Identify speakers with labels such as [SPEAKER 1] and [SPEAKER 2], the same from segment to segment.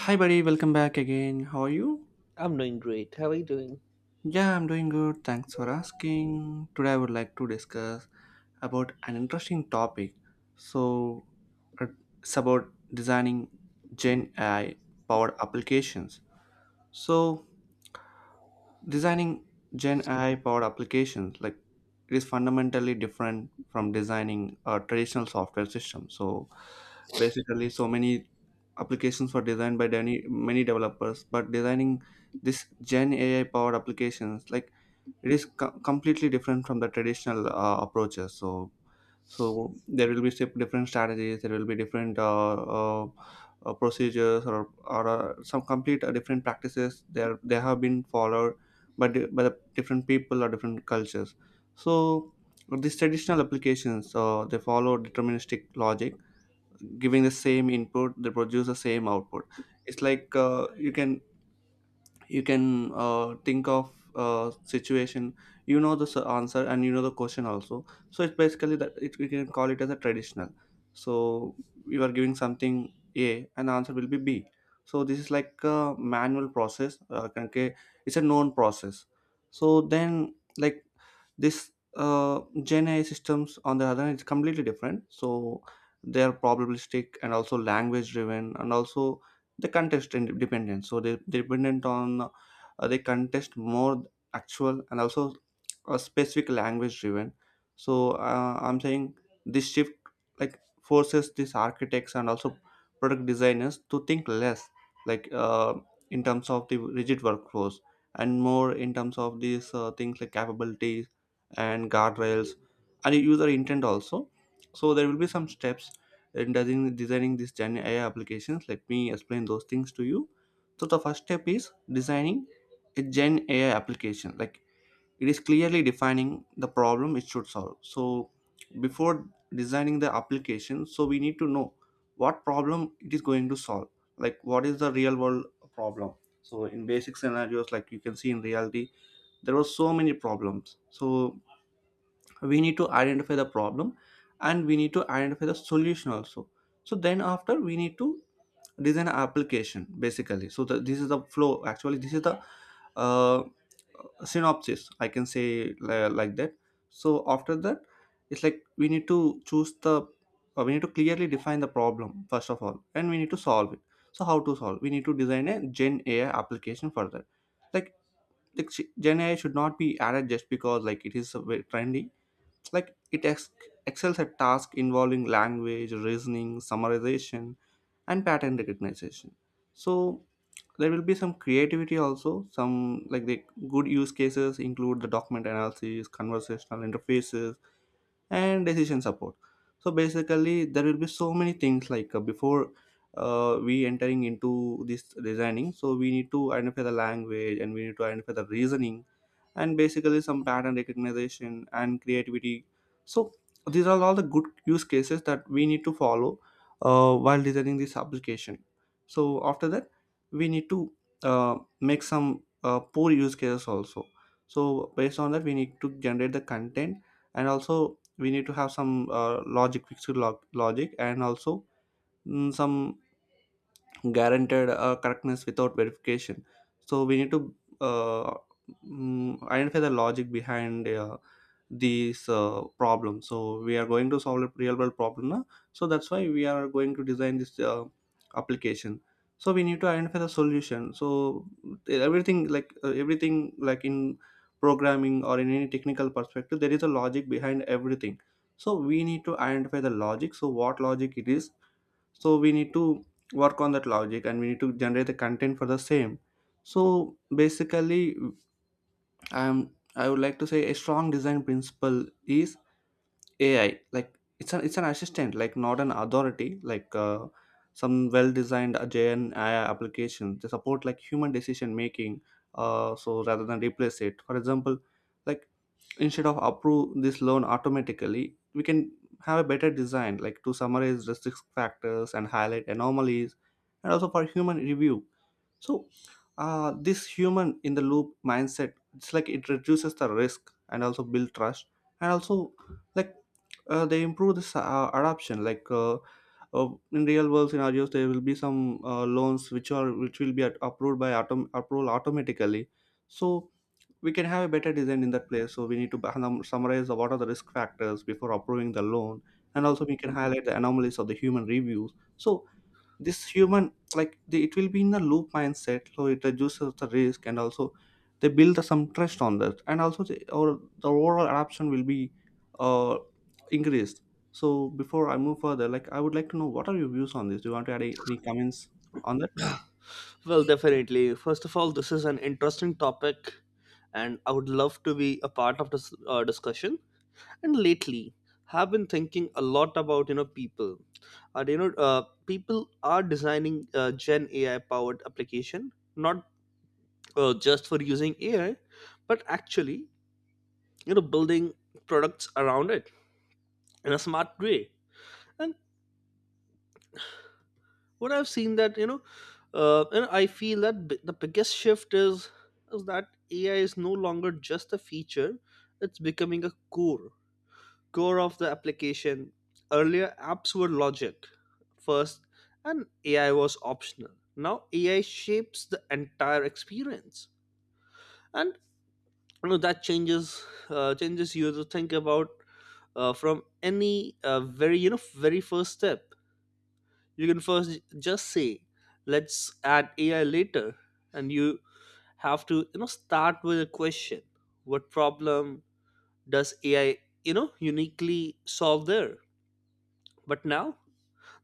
[SPEAKER 1] Hi, buddy, welcome back again. How are you?
[SPEAKER 2] I'm doing great. How are you doing?
[SPEAKER 1] Yeah, I'm doing good. Thanks for asking. Today, I would like to discuss about an interesting topic. So, uh, it's about designing Gen AI powered applications. So, designing gen ai powered applications like it is fundamentally different from designing a traditional software system. So basically so many applications were designed by many, many developers, but designing this gen ai powered applications like it is completely different from the traditional approaches. So so there will be different strategies, there will be different uh, procedures or some complete different practices there they have been followed by the different people or different cultures. So these traditional applications they follow deterministic logic, giving the same input they produce the same output. It's like you can you can think of situation. You know the answer and you know the question also. So it's basically that it, we can call it as a traditional. So you are giving something a and the answer will be b. So this is like a manual process, okay, it's a known process. So then like this gen ai systems on the other hand is completely different. So they are probabilistic and also language driven, and also they contest and dependent. So they dependent on they contest more actual and also a specific language driven. So I'm saying this shift like forces these architects and also product designers to think less like in terms of the rigid workflows, and more in terms of these things like capabilities and guardrails and user intent also. So there will be some steps in designing this Gen AI applications. Let me explain those things to you. So the first step is designing a Gen AI application. Like it is clearly defining the problem it should solve. So before designing the application, so we need to know what problem it is going to solve. Like what is the real world problem? So in basic scenarios, like you can see in reality, there were so many problems. So we need to identify the problem, and we need to identify the solution also. So then after we need to design an application basically. So the, this is the flow, actually this is the uh, synopsis I can say like that. So after that it's like we need to choose the we need to clearly define the problem first of all, and we need to solve it. So how to solve, we need to design a gen ai application for that, like, like gen ai should not be added just because like it is a bit trendy, like it excels at tasks involving language reasoning, summarization and pattern recognition. So there will be some creativity also. Some like the good use cases include the document analysis, conversational interfaces and decision support. So basically there will be so many things like before we entering into this designing. So we need to identify the language, and we need to identify the reasoning, and basically some pattern recognition and creativity. So these are all the good use cases that we need to follow while designing this application. So after that we need to make some poor use cases also. So based on that we need to generate the content, and also we need to have some logic, fixed logic, and also some guaranteed correctness without verification. So we need to uh, identify the logic behind these problems. So we are going to solve a real world problem now. So that's why we are going to design this application. So we need to identify the solution. So everything like in programming or in any technical perspective there is a logic behind everything. So we need to identify the logic. So what logic it is. So we need to work on that logic, and we need to generate the content for the same. So basically I would like to say a strong design principle is ai, like it's an assistant, like not an authority, like some well designed jn ai applications, they support like human decision making. So rather than replace it. For example, like instead of approve this loan automatically, we can have a better design like to summarize the risk factors and highlight anomalies and also for human review. So this human in the loop mindset, it's like it reduces the risk and also build trust, and also like they improve this adoption. Like in real world scenarios there will be some loans which are which will be approved by approval automatically. So we can have a better design in that place. So we need to summarize the, what are the risk factors before approving the loan, and also we can highlight the anomalies of the human reviews. So this human like the, it will be in the loop mindset, so it reduces the risk and also they build the, some trust on that, and also the, or the overall adoption will be uh, increased. So before I move further, like I would like to know what are your views on this? Do you want to add any comments on that?
[SPEAKER 2] Well, definitely. First of all, this is an interesting topic, and I would love to be a part of this discussion. And lately, have been thinking a lot about people. People are designing Gen AI powered application, not just for using AI, but actually building products around it in a smart way. And what I've seen that, and I feel that the biggest shift is that AI is no longer just a feature; it's becoming a core of the application. Earlier, apps were logic first, and AI was optional. Now, AI shapes the entire experience, and you know that changes, changes you to think about, from any, very, very first step. You can first just say, let's add AI later. And you have to, start with a question: what problem does AI, uniquely solve there? But now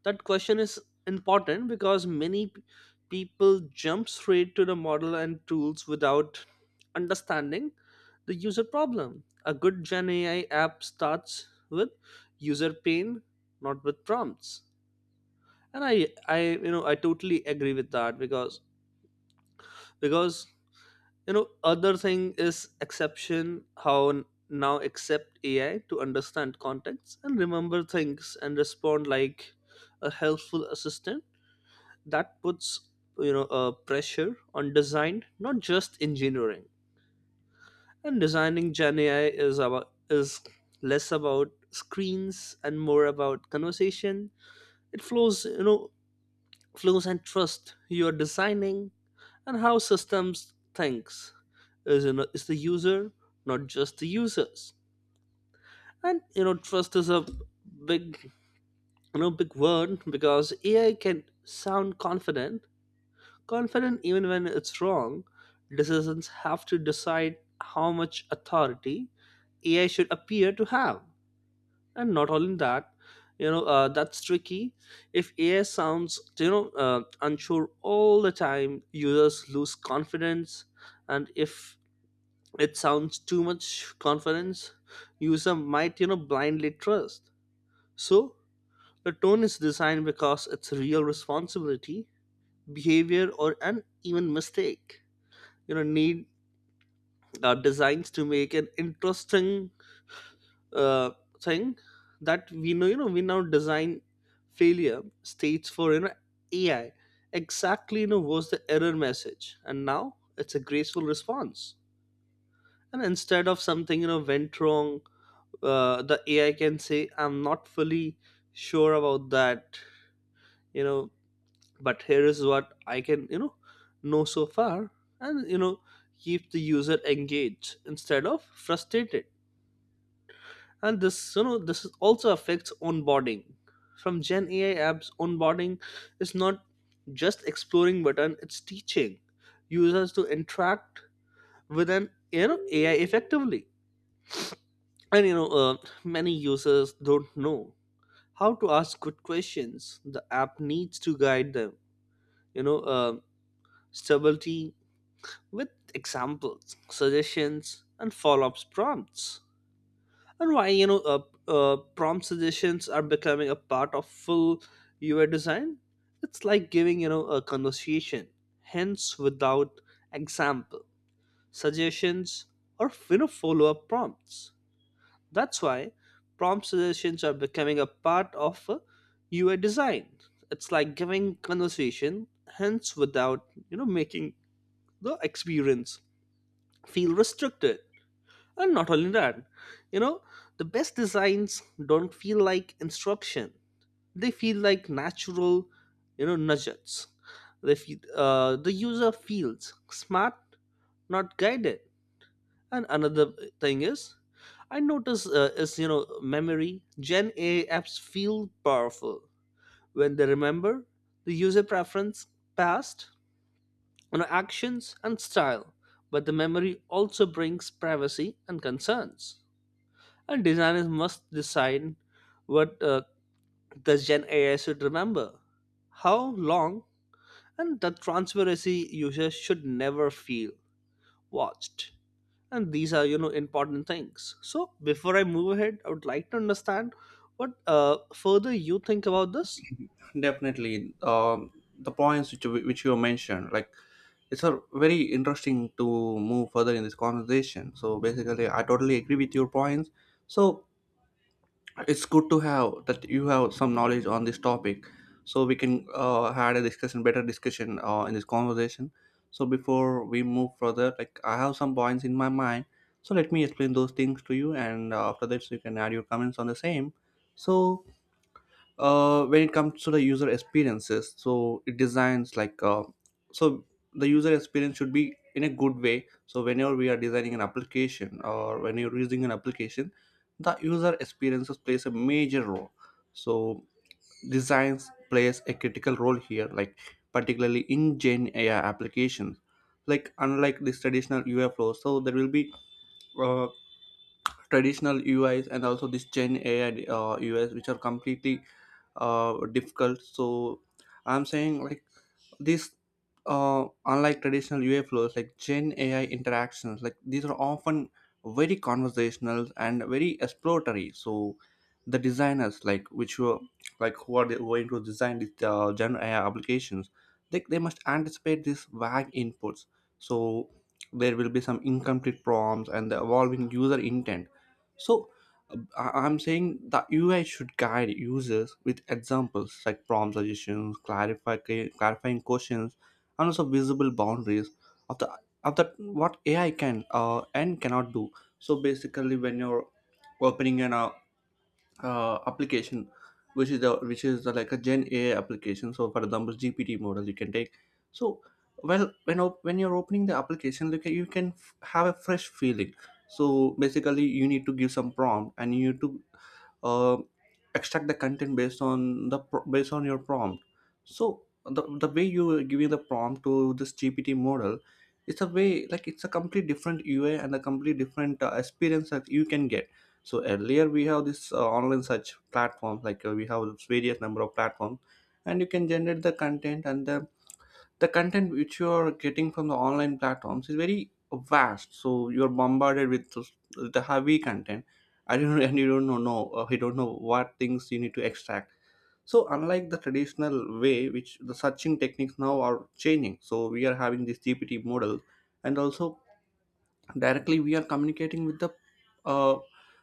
[SPEAKER 2] that question is important, because many people jump straight to the model and tools without understanding the user problem. A good Gen AI app starts with user pain, not with prompts. And I you know I totally agree with that, because because other thing is exception. How now accept AI to understand context and remember things and respond like a helpful assistant. That puts, a pressure on design, not just engineering. And designing Gen AI is about is less about screens and more about conversation. It flows, you know, clues and trust you are designing, and how systems thinks is, is the user, not just the users. And you know trust is a big, big word, because AI can sound confident even when it's wrong. Decisions have to decide how much authority AI should appear to have. And not only that, that's tricky. If AI sounds, you know uh, unsure all the time, users lose confidence. And if it sounds too much confidence, user might, blindly trust. So the tone is designed, because it's real responsibility. Behavior or an even mistake, need, designs to make an interesting, uh, thing. That we know, we now design failure states for, AI exactly. You know, was the error message and now it's a graceful response. And instead of something, went wrong, the AI can say, I'm not fully sure about that, you know, but here is what I can, know so far. And you know, keep the user engaged instead of frustrated. And this, this is also affects onboarding. From Gen AI apps, onboarding is not just exploring button. It's teaching users to interact with an, AI effectively. And many users don't know how to ask good questions. The app needs to guide them, you know uh, stability with examples, suggestions, and follow-up prompts. And why, prompt suggestions are becoming a part of full UI design. It's like giving, a conversation hence without example, suggestions, or, follow-up prompts. That's why prompt suggestions are becoming a part of, UI design. It's like giving conversation hence without, making the experience feel restricted. And not only that, you know, the best designs don't feel like instruction. They feel like natural, nudges. They feel, the user feels smart, not guided. And another thing is, I notice, is, you know, memory. Gen A apps feel powerful when they remember the user preference, past, actions, and style. But the memory also brings privacy and concerns. And designers must decide what, the Gen AI should remember, how long, and the transparency. Users should never feel watched. And these are, important things. So before I move ahead, I would like to understand what, further you think about this.
[SPEAKER 1] Definitely. The points which which you mentioned, like it's a very interesting to move further in this conversation. So basically, I totally agree with your points. So it's good to have that you have some knowledge on this topic, so we can had a discussion, better discussion in this conversation. So before we move further, like I have some points in my mind. So let me explain those things to you, and after that, so you can add your comments on the same. So when it comes to the user experiences, so it designs like so the user experience should be in a good way. So whenever we are designing an application or when you're using an application, the user experiences plays a major role. So designs plays a critical role here, like particularly in gen ai applications, like unlike this traditional ui flow. So there will be uh, traditional uis and also this gen ai uis which are completely difficult. So I'm saying like these, unlike traditional UA flows, like Gen AI interactions, like these are often very conversational and very exploratory. So the designers, like which were like who are they going to design these Gen AI applications, like they must anticipate these vague inputs. So there will be some incomplete prompts and the evolving user intent. So I'm saying the UI should guide users with examples like prompt suggestions, clarifying questions, and also visible boundaries of the of the what AI can and cannot do. So basically, when you're opening an application which is the, like a gen ai application. So for example gpt model you can take. So well when when you're opening the application, look at, you can have a fresh feeling. So basically you need to give some prompt, and you need to uh, extract the content based on the based on your prompt. So the way you are giving the prompt to this gpt model, it's a way like it's a complete different ui and a complete different experience that you can get. So earlier we have this online search platform, like we have various number of platforms, and you can generate the content and the content which you are getting from the online platforms is very vast. So you're bombarded with those- the heavy content. I don't and you don't know you don't know what things you need to extract. So unlike the traditional way which the searching techniques now are changing, so we are having this gpt model, and also directly we are communicating with the uh,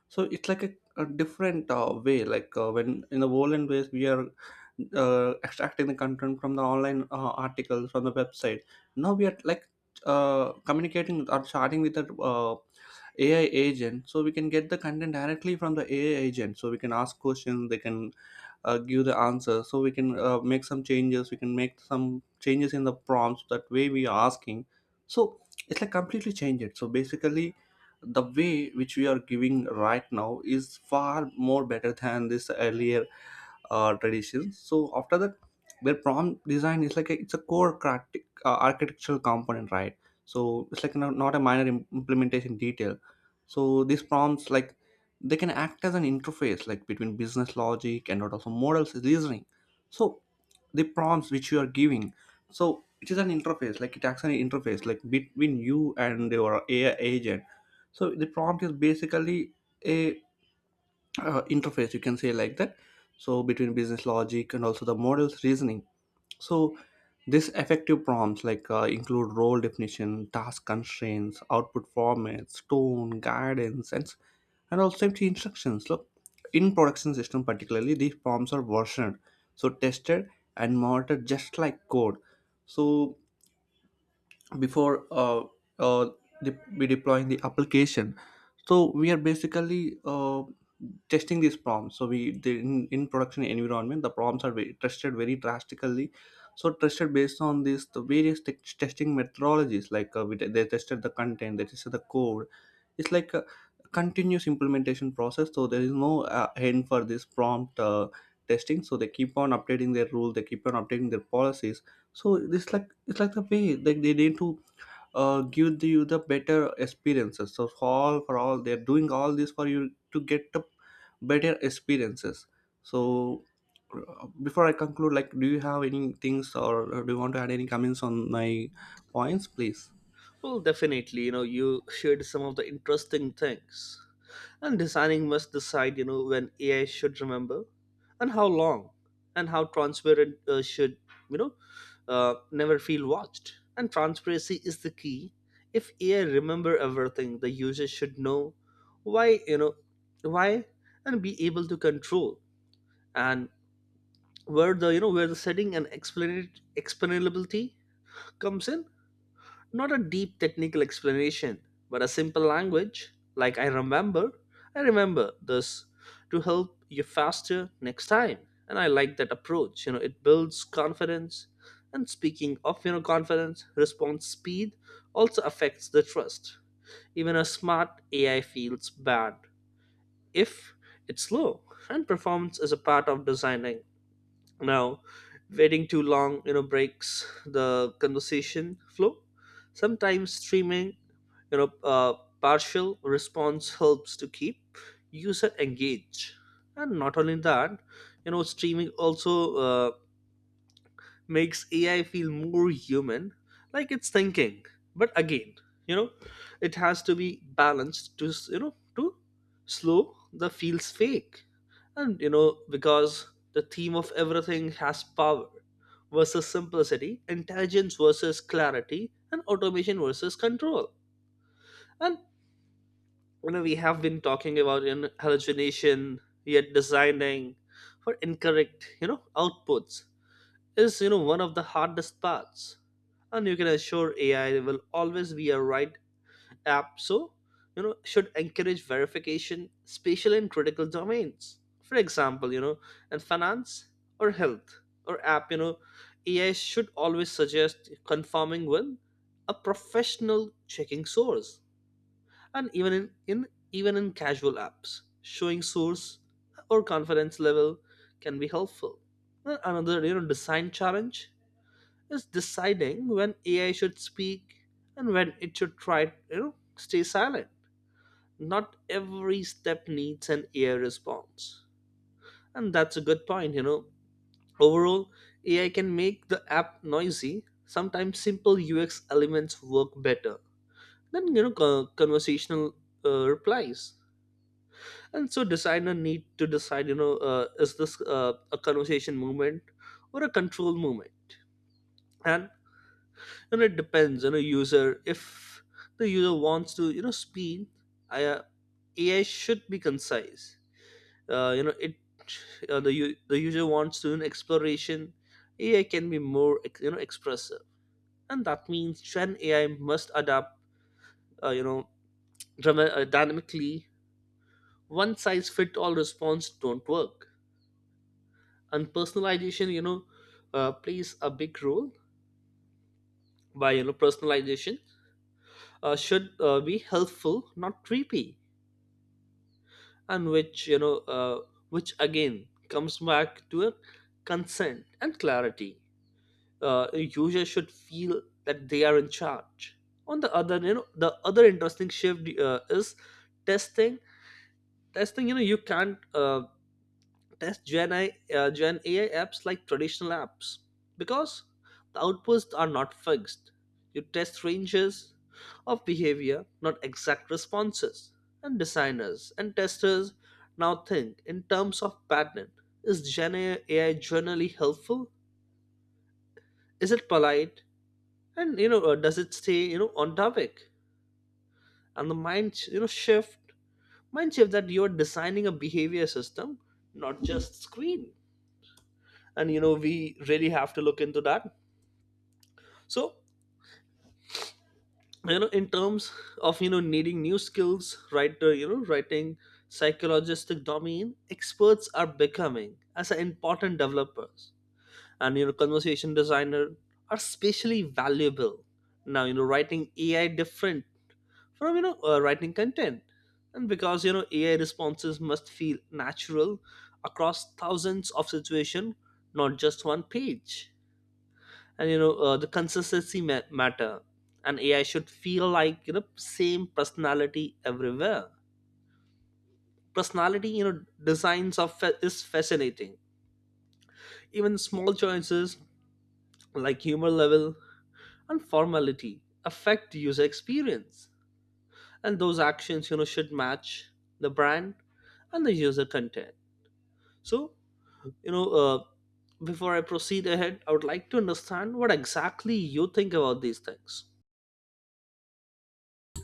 [SPEAKER 1] so it's like a different way. Like when in the violent ways we are extracting the content from the online articles from the website, now we are like communicating or chatting with the ai agent. So we can get the content directly from the ai agent. So we can ask questions, they can give the answer. So we can make some changes, we can make some changes in the prompts that way we are asking. So it's like completely change it. So basically the way which we are giving right now is far more better than this earlier traditions. So after that, their prompt design is like a, it's a core cratic, architectural component, right? So it's like not a minor implementation detail. So these prompts like they can act as an interface like between business logic and also models reasoning. So the prompts which you are giving, so it is an interface like it acts as an interface like between you and your AI agent. So the prompt is basically a interface you can say like that, so between business logic and also the models reasoning. So this effective prompts like include role definition, task constraints, output formats, tone guidance, and also safety instructions. Look, in production system particularly, these prompts are versioned, so tested and monitored just like code. So before uh, we deploying the application, so we are basically testing these prompts. So in production environment the prompts are very, tested very drastically. So tested based on this the various testing methodologies like they tested the content, they tested the code. It's like a continuous implementation process, so there is no end for this prompt testing. So they keep on updating their rule, they keep on updating their policies. So it's like, it's like the way like they need to give you the better experiences, so for all, for all they're doing all this for you to get the better experiences. So before I conclude, like, do you have any things or do you want to add any comments on my points, please?
[SPEAKER 2] Well, definitely, you know, you shared some of the interesting things. And designing must decide, you know, when AI should remember and how long and how transparent, should, you know, never feel watched. And transparency is the key. If AI remember everything, the user should know why, why, and be able to control, and where the, where the setting, and explain explainability comes in. Not a deep technical explanation, but a simple language like, I remember this to help you faster next time. And I like that approach. You know, it builds confidence. And speaking of, you know, confidence, response speed also affects the trust. Even a smart AI feels bad if it's slow, and performance is a part of designing. Now, waiting too long, you know, breaks the conversation flow. Sometimes streaming, you know uh, partial response helps to keep user engaged. And not only that, you know, streaming also, uh, makes AI feel more human, like it's thinking. But again, you know, it has to be balanced, to, to slow, the feels fake. And you know, because the theme of everything has power versus simplicity, intelligence versus clarity, and automation versus control. And you know, we have been talking about in hallucination, yet designing for incorrect, you know, outputs is, you know, one of the hardest parts. And you can assure AI will always be a right app. So, you know, should encourage verification, especially in critical domains. For example, you know, in finance or health or app, you know, AI should always suggest confirming with a professional checking source. And even in even in casual apps, showing source or confidence level can be helpful. And another, you know, design challenge is deciding when AI should speak and when it should try, stay silent. Not every step needs an AI response. And that's a good point, you know. Overall, AI can make the app noisy. Sometimes simple UX elements work better than, conversational, replies. And so designer need to decide, is this, a conversation movement or a control movement? And you know it depends, you know, user. If the user wants to, speed, I, uh, AI should be concise, uh, you know it the user wants to an exploration, AI can be more expressive. And that means Gen AI must adapt, uh, you know dynamically. One size fit all response don't work. And personalization, you know, plays a big role. Why, you know, personalization, should, be helpful, not creepy. And which, which again comes back to a consent and clarity. Uh, a user should feel that they are in charge. On the other, the other interesting shift, is testing. Testing, you know, you can't, test Gen AI apps like traditional apps, because the outputs are not fixed. You test ranges of behavior, not exact responses. And designers and testers now think in terms of pattern. Is Gen AI generally helpful? Is it polite? And does it stay, you know, on topic? And the you know shift, mind shift, that you're designing a behavior system, not just screen. And you know we really have to look into that. So, you know, in terms of, you know, needing new skills, writer, you know, writing psychologistic domain experts are becoming as an important developers. And you know conversation designer are especially valuable now. You know writing AI different from, writing content. And because you know AI responses must feel natural across thousands of situations, not just one page. And the consistency matter. And AI should feel like, you know, same personality everywhere. Personality, you know, designs of is fascinating. Even small choices like humor level and formality affect the user experience. And those actions, you know, should match the brand and the user content. So, you know uh, before I proceed ahead, I would like to understand what exactly you think about these things.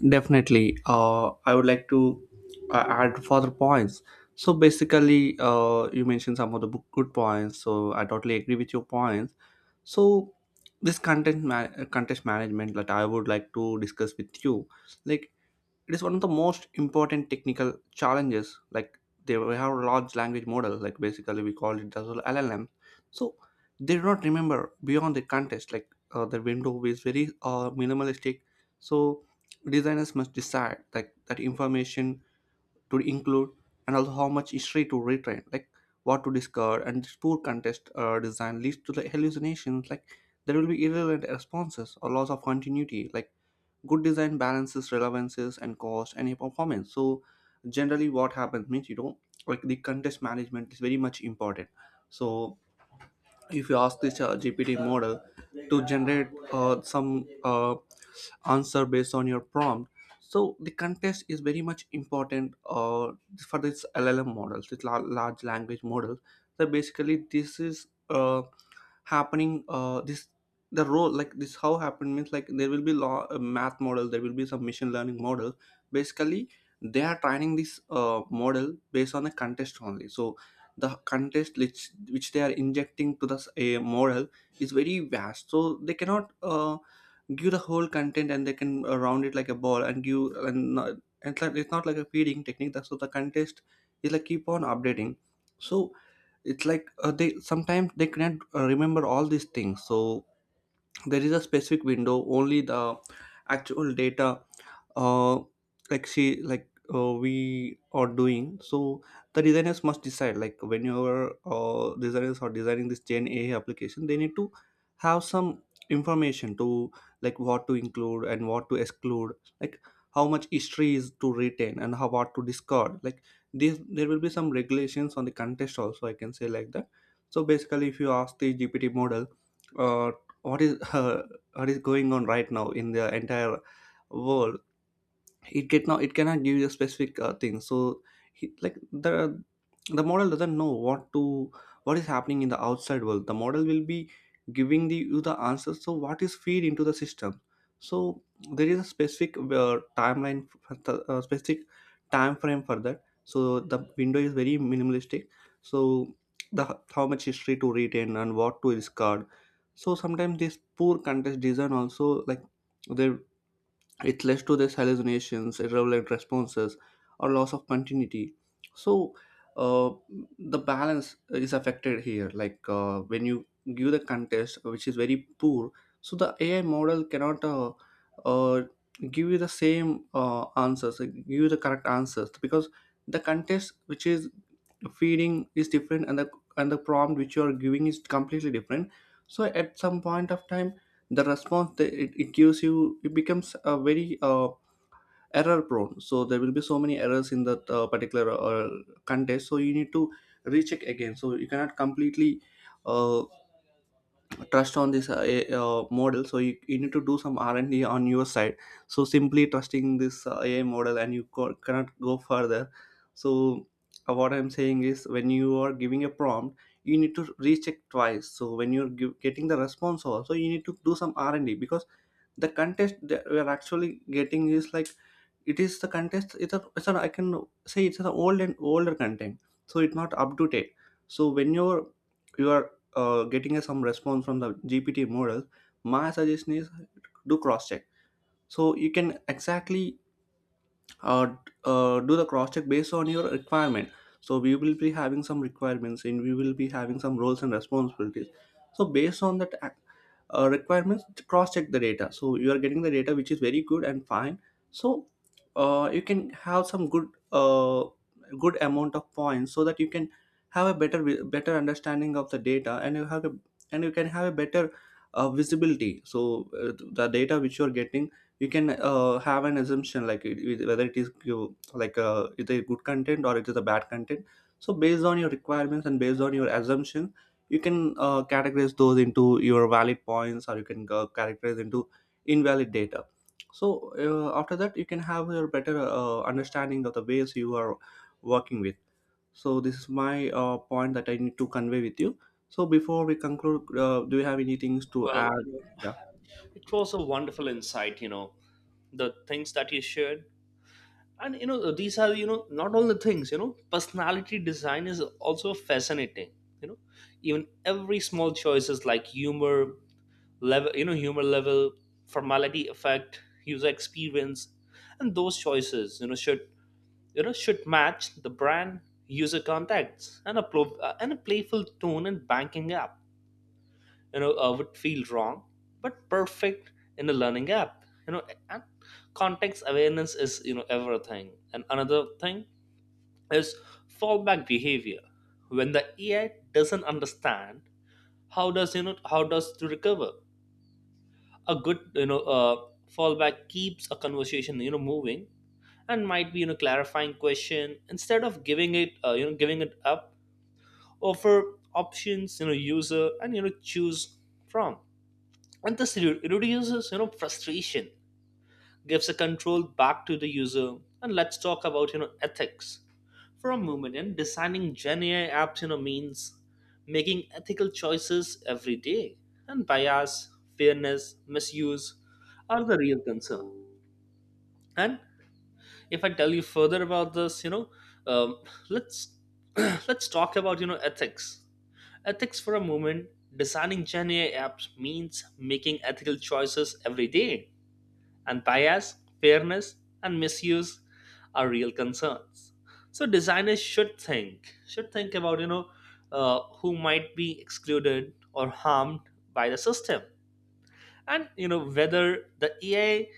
[SPEAKER 1] Definitely. I would like to add further points. So basically, you mentioned some of the good points. So I totally agree with your points. So this contest management that I would like to discuss with you, like, it is one of the most important technical challenges. Like, they, we have large language model, like basically we call it as well llm. So they do not remember beyond the context. Like, the window is very minimalistic. So designers must decide like that information to include, and also how much history to retain, like what to discard. And this poor context design leads to the hallucinations. Like, there will be irrelevant responses or loss of continuity. Like, good design balances relevances and cost and performance. So generally what happens means, you know, like the contest management is very much important. So if you ask this gpt model to generate some answer based on your prompt, so the contest is very much important for this llm models, this large language models. So basically this is happening. Uh this the role like this, how happened means, like there will be law, a math model, there will be some machine learning model. Basically they are training this model based on the contest only. So the contest which they are injecting to this a model is very vast, so they cannot give the whole content, and they can round it like a ball and give, and it's like, it's not like a feeding technique. That's so the contest is like keep on updating. So it's like, they sometimes they cannot remember all these things. So there is a specific window only, the actual data, uh, like we are doing. So the designers must decide like, whenever designers are designing this gen ai application, they need to have some information to, like, what to include and what to exclude, like how much history is to retain and how, what to discard. Like this, there will be some regulations on the contest also, I can say like that. So basically if you ask the gpt model, uh, what is what is going on right now in the entire world, it get now, it cannot give you a specific thing. So like the model doesn't know what to, what is happening in the outside world. The model will be giving the you the answers so what is feed into the system. So there is a specific timeline, specific time frame for that. So the window is very minimalistic. So the, how much history to retain and what to discard. So sometimes this poor contest design also, like, they, it leads to these hallucinations, irrelevant responses, or loss of continuity. So uh, the balance is affected here. Like when you give the contest, which is very poor, so the AI model cannot uh, give you the same answers, like, give you the correct answers, because the contest which is feeding is different, and the, and the prompt which you are giving is completely different. So at some point of time the response that it gives you, it becomes a very error prone. So there will be so many errors in that particular contest. So you need to recheck again. So you cannot completely uh, trust on this model. So you need to do some r&d on your side. So simply trusting this ai model and you cannot go further. So what I'm saying is, when you are giving a prompt, you need to recheck twice. So when you're getting the response also, you need to do some r&d, because the contest that we are actually getting is like, it is the contest, it's a, I can say it's an old and older content. So it's not up to date. So when you're you are getting a, some response from the gpt model, my suggestion is, do cross check. So you can exactly uh, d- do the cross check based on your requirement. So we will be having some requirements, and we will be having some roles and responsibilities. So based on that requirements, cross check the data, so you are getting the data which is very good and fine. So you can have some good amount of points, so that you can have a better understanding of the data, and you have a, and you can have a better visibility. So the data which you are getting, you can have an assumption like, whether it is you, like it is good content or it is a bad content. So based on your requirements and based on your assumption, you can categorize those into your valid points, or you can categorize into invalid data. So after that you can have your better understanding of the ways you are working with. So this is my point that I need to convey with you. So before we conclude, do you have any things to
[SPEAKER 2] Well,
[SPEAKER 1] add?
[SPEAKER 2] you know,
[SPEAKER 1] Yeah.
[SPEAKER 2] it was a wonderful insight, you know, the things that you shared. And you know these are, you know, not all the things. You know personality design is also fascinating, you know. Even every small choices like humor level, formality effect user experience. And those choices, should, you know, should match the brand, user contacts. And and a playful tone in banking app, would feel wrong, but perfect in a learning app, you know. And context awareness is, you know, everything. And another thing is fallback behavior. When the AI doesn't understand, how does, you know, how does to recover? A good, fallback keeps a conversation, you know, moving, and might be, clarifying question, instead of giving it up. Offer options, user, and choose from. And this reduces frustration, gives the control back to the user. And let's talk about ethics for a moment. And designing gen AI apps means making ethical choices every day, and bias, fairness, misuse are the real concern. And if I tell you further about this, um, let's let's talk about ethics for a moment. Designing gen ai apps means making ethical choices every day, and bias, fairness, and misuse are real concerns. So designers should think about who might be excluded or harmed by the system, and whether the AI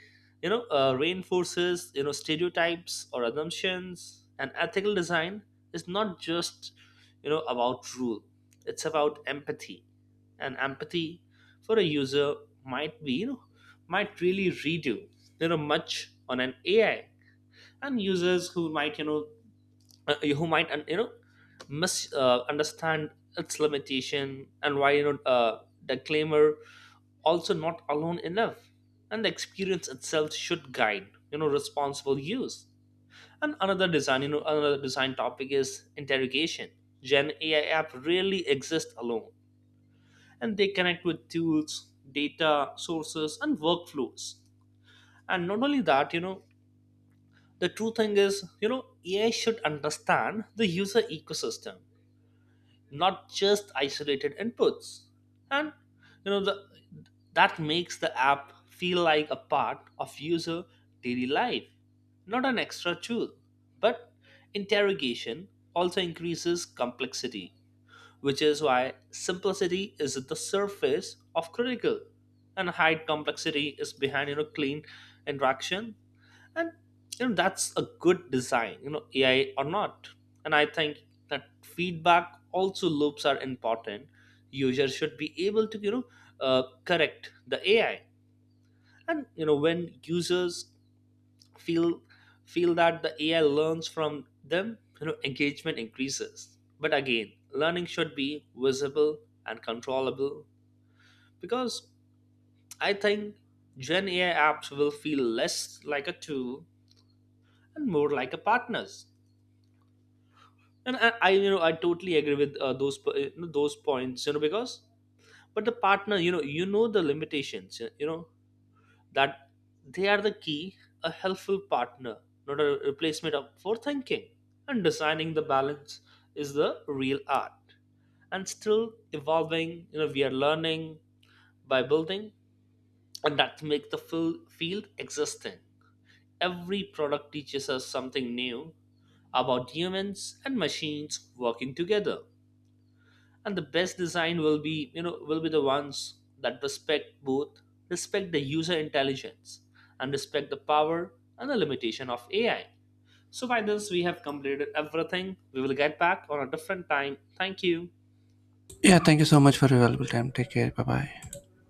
[SPEAKER 2] reinforces stereotypes or assumptions. And ethical design is not just about rule, it's about empathy. And empathy for a user might be, you know might really redo much on an AI. And users who might mis understand its limitation, and why, the claimer also not alone enough, and the experience itself should guide responsible use. And another design you know another design topic is interrogation. gen AI app rarely exist alone, and they connect with tools, data sources, and workflows. And not only that, the true thing is, AI should understand the user ecosystem, not just isolated inputs. And the that makes the app feel like a part of user daily life, not an extra tool. But interrogation also increases complexity, which is why simplicity is at the surface of critical. And hide complexity is behind clean interaction. And that's a good design, AI or not. And I think that feedback also loops are important. Users should be able to, correct the AI. And when users feel feel that the AI learns from them, engagement increases. But again, learning should be visible and controllable, because I think gen AI apps will feel less like a tool and more like a partners. And I you know I totally agree with those points, because but the partner, the limitations, that they are the key, a helpful partner, not a replacement for thinking. And designing the balance is the real art. And still evolving, we are learning by building, and that make the field existing. Every product teaches us something new about humans and machines working together. And the best design will be, the ones that respect both, respect the user intelligence, and respect the power and the limitation of AI. So by this, we have completed everything. We will get back on a different time. Thank you.
[SPEAKER 1] Yeah, thank you so much for your valuable time. Take care. Bye bye.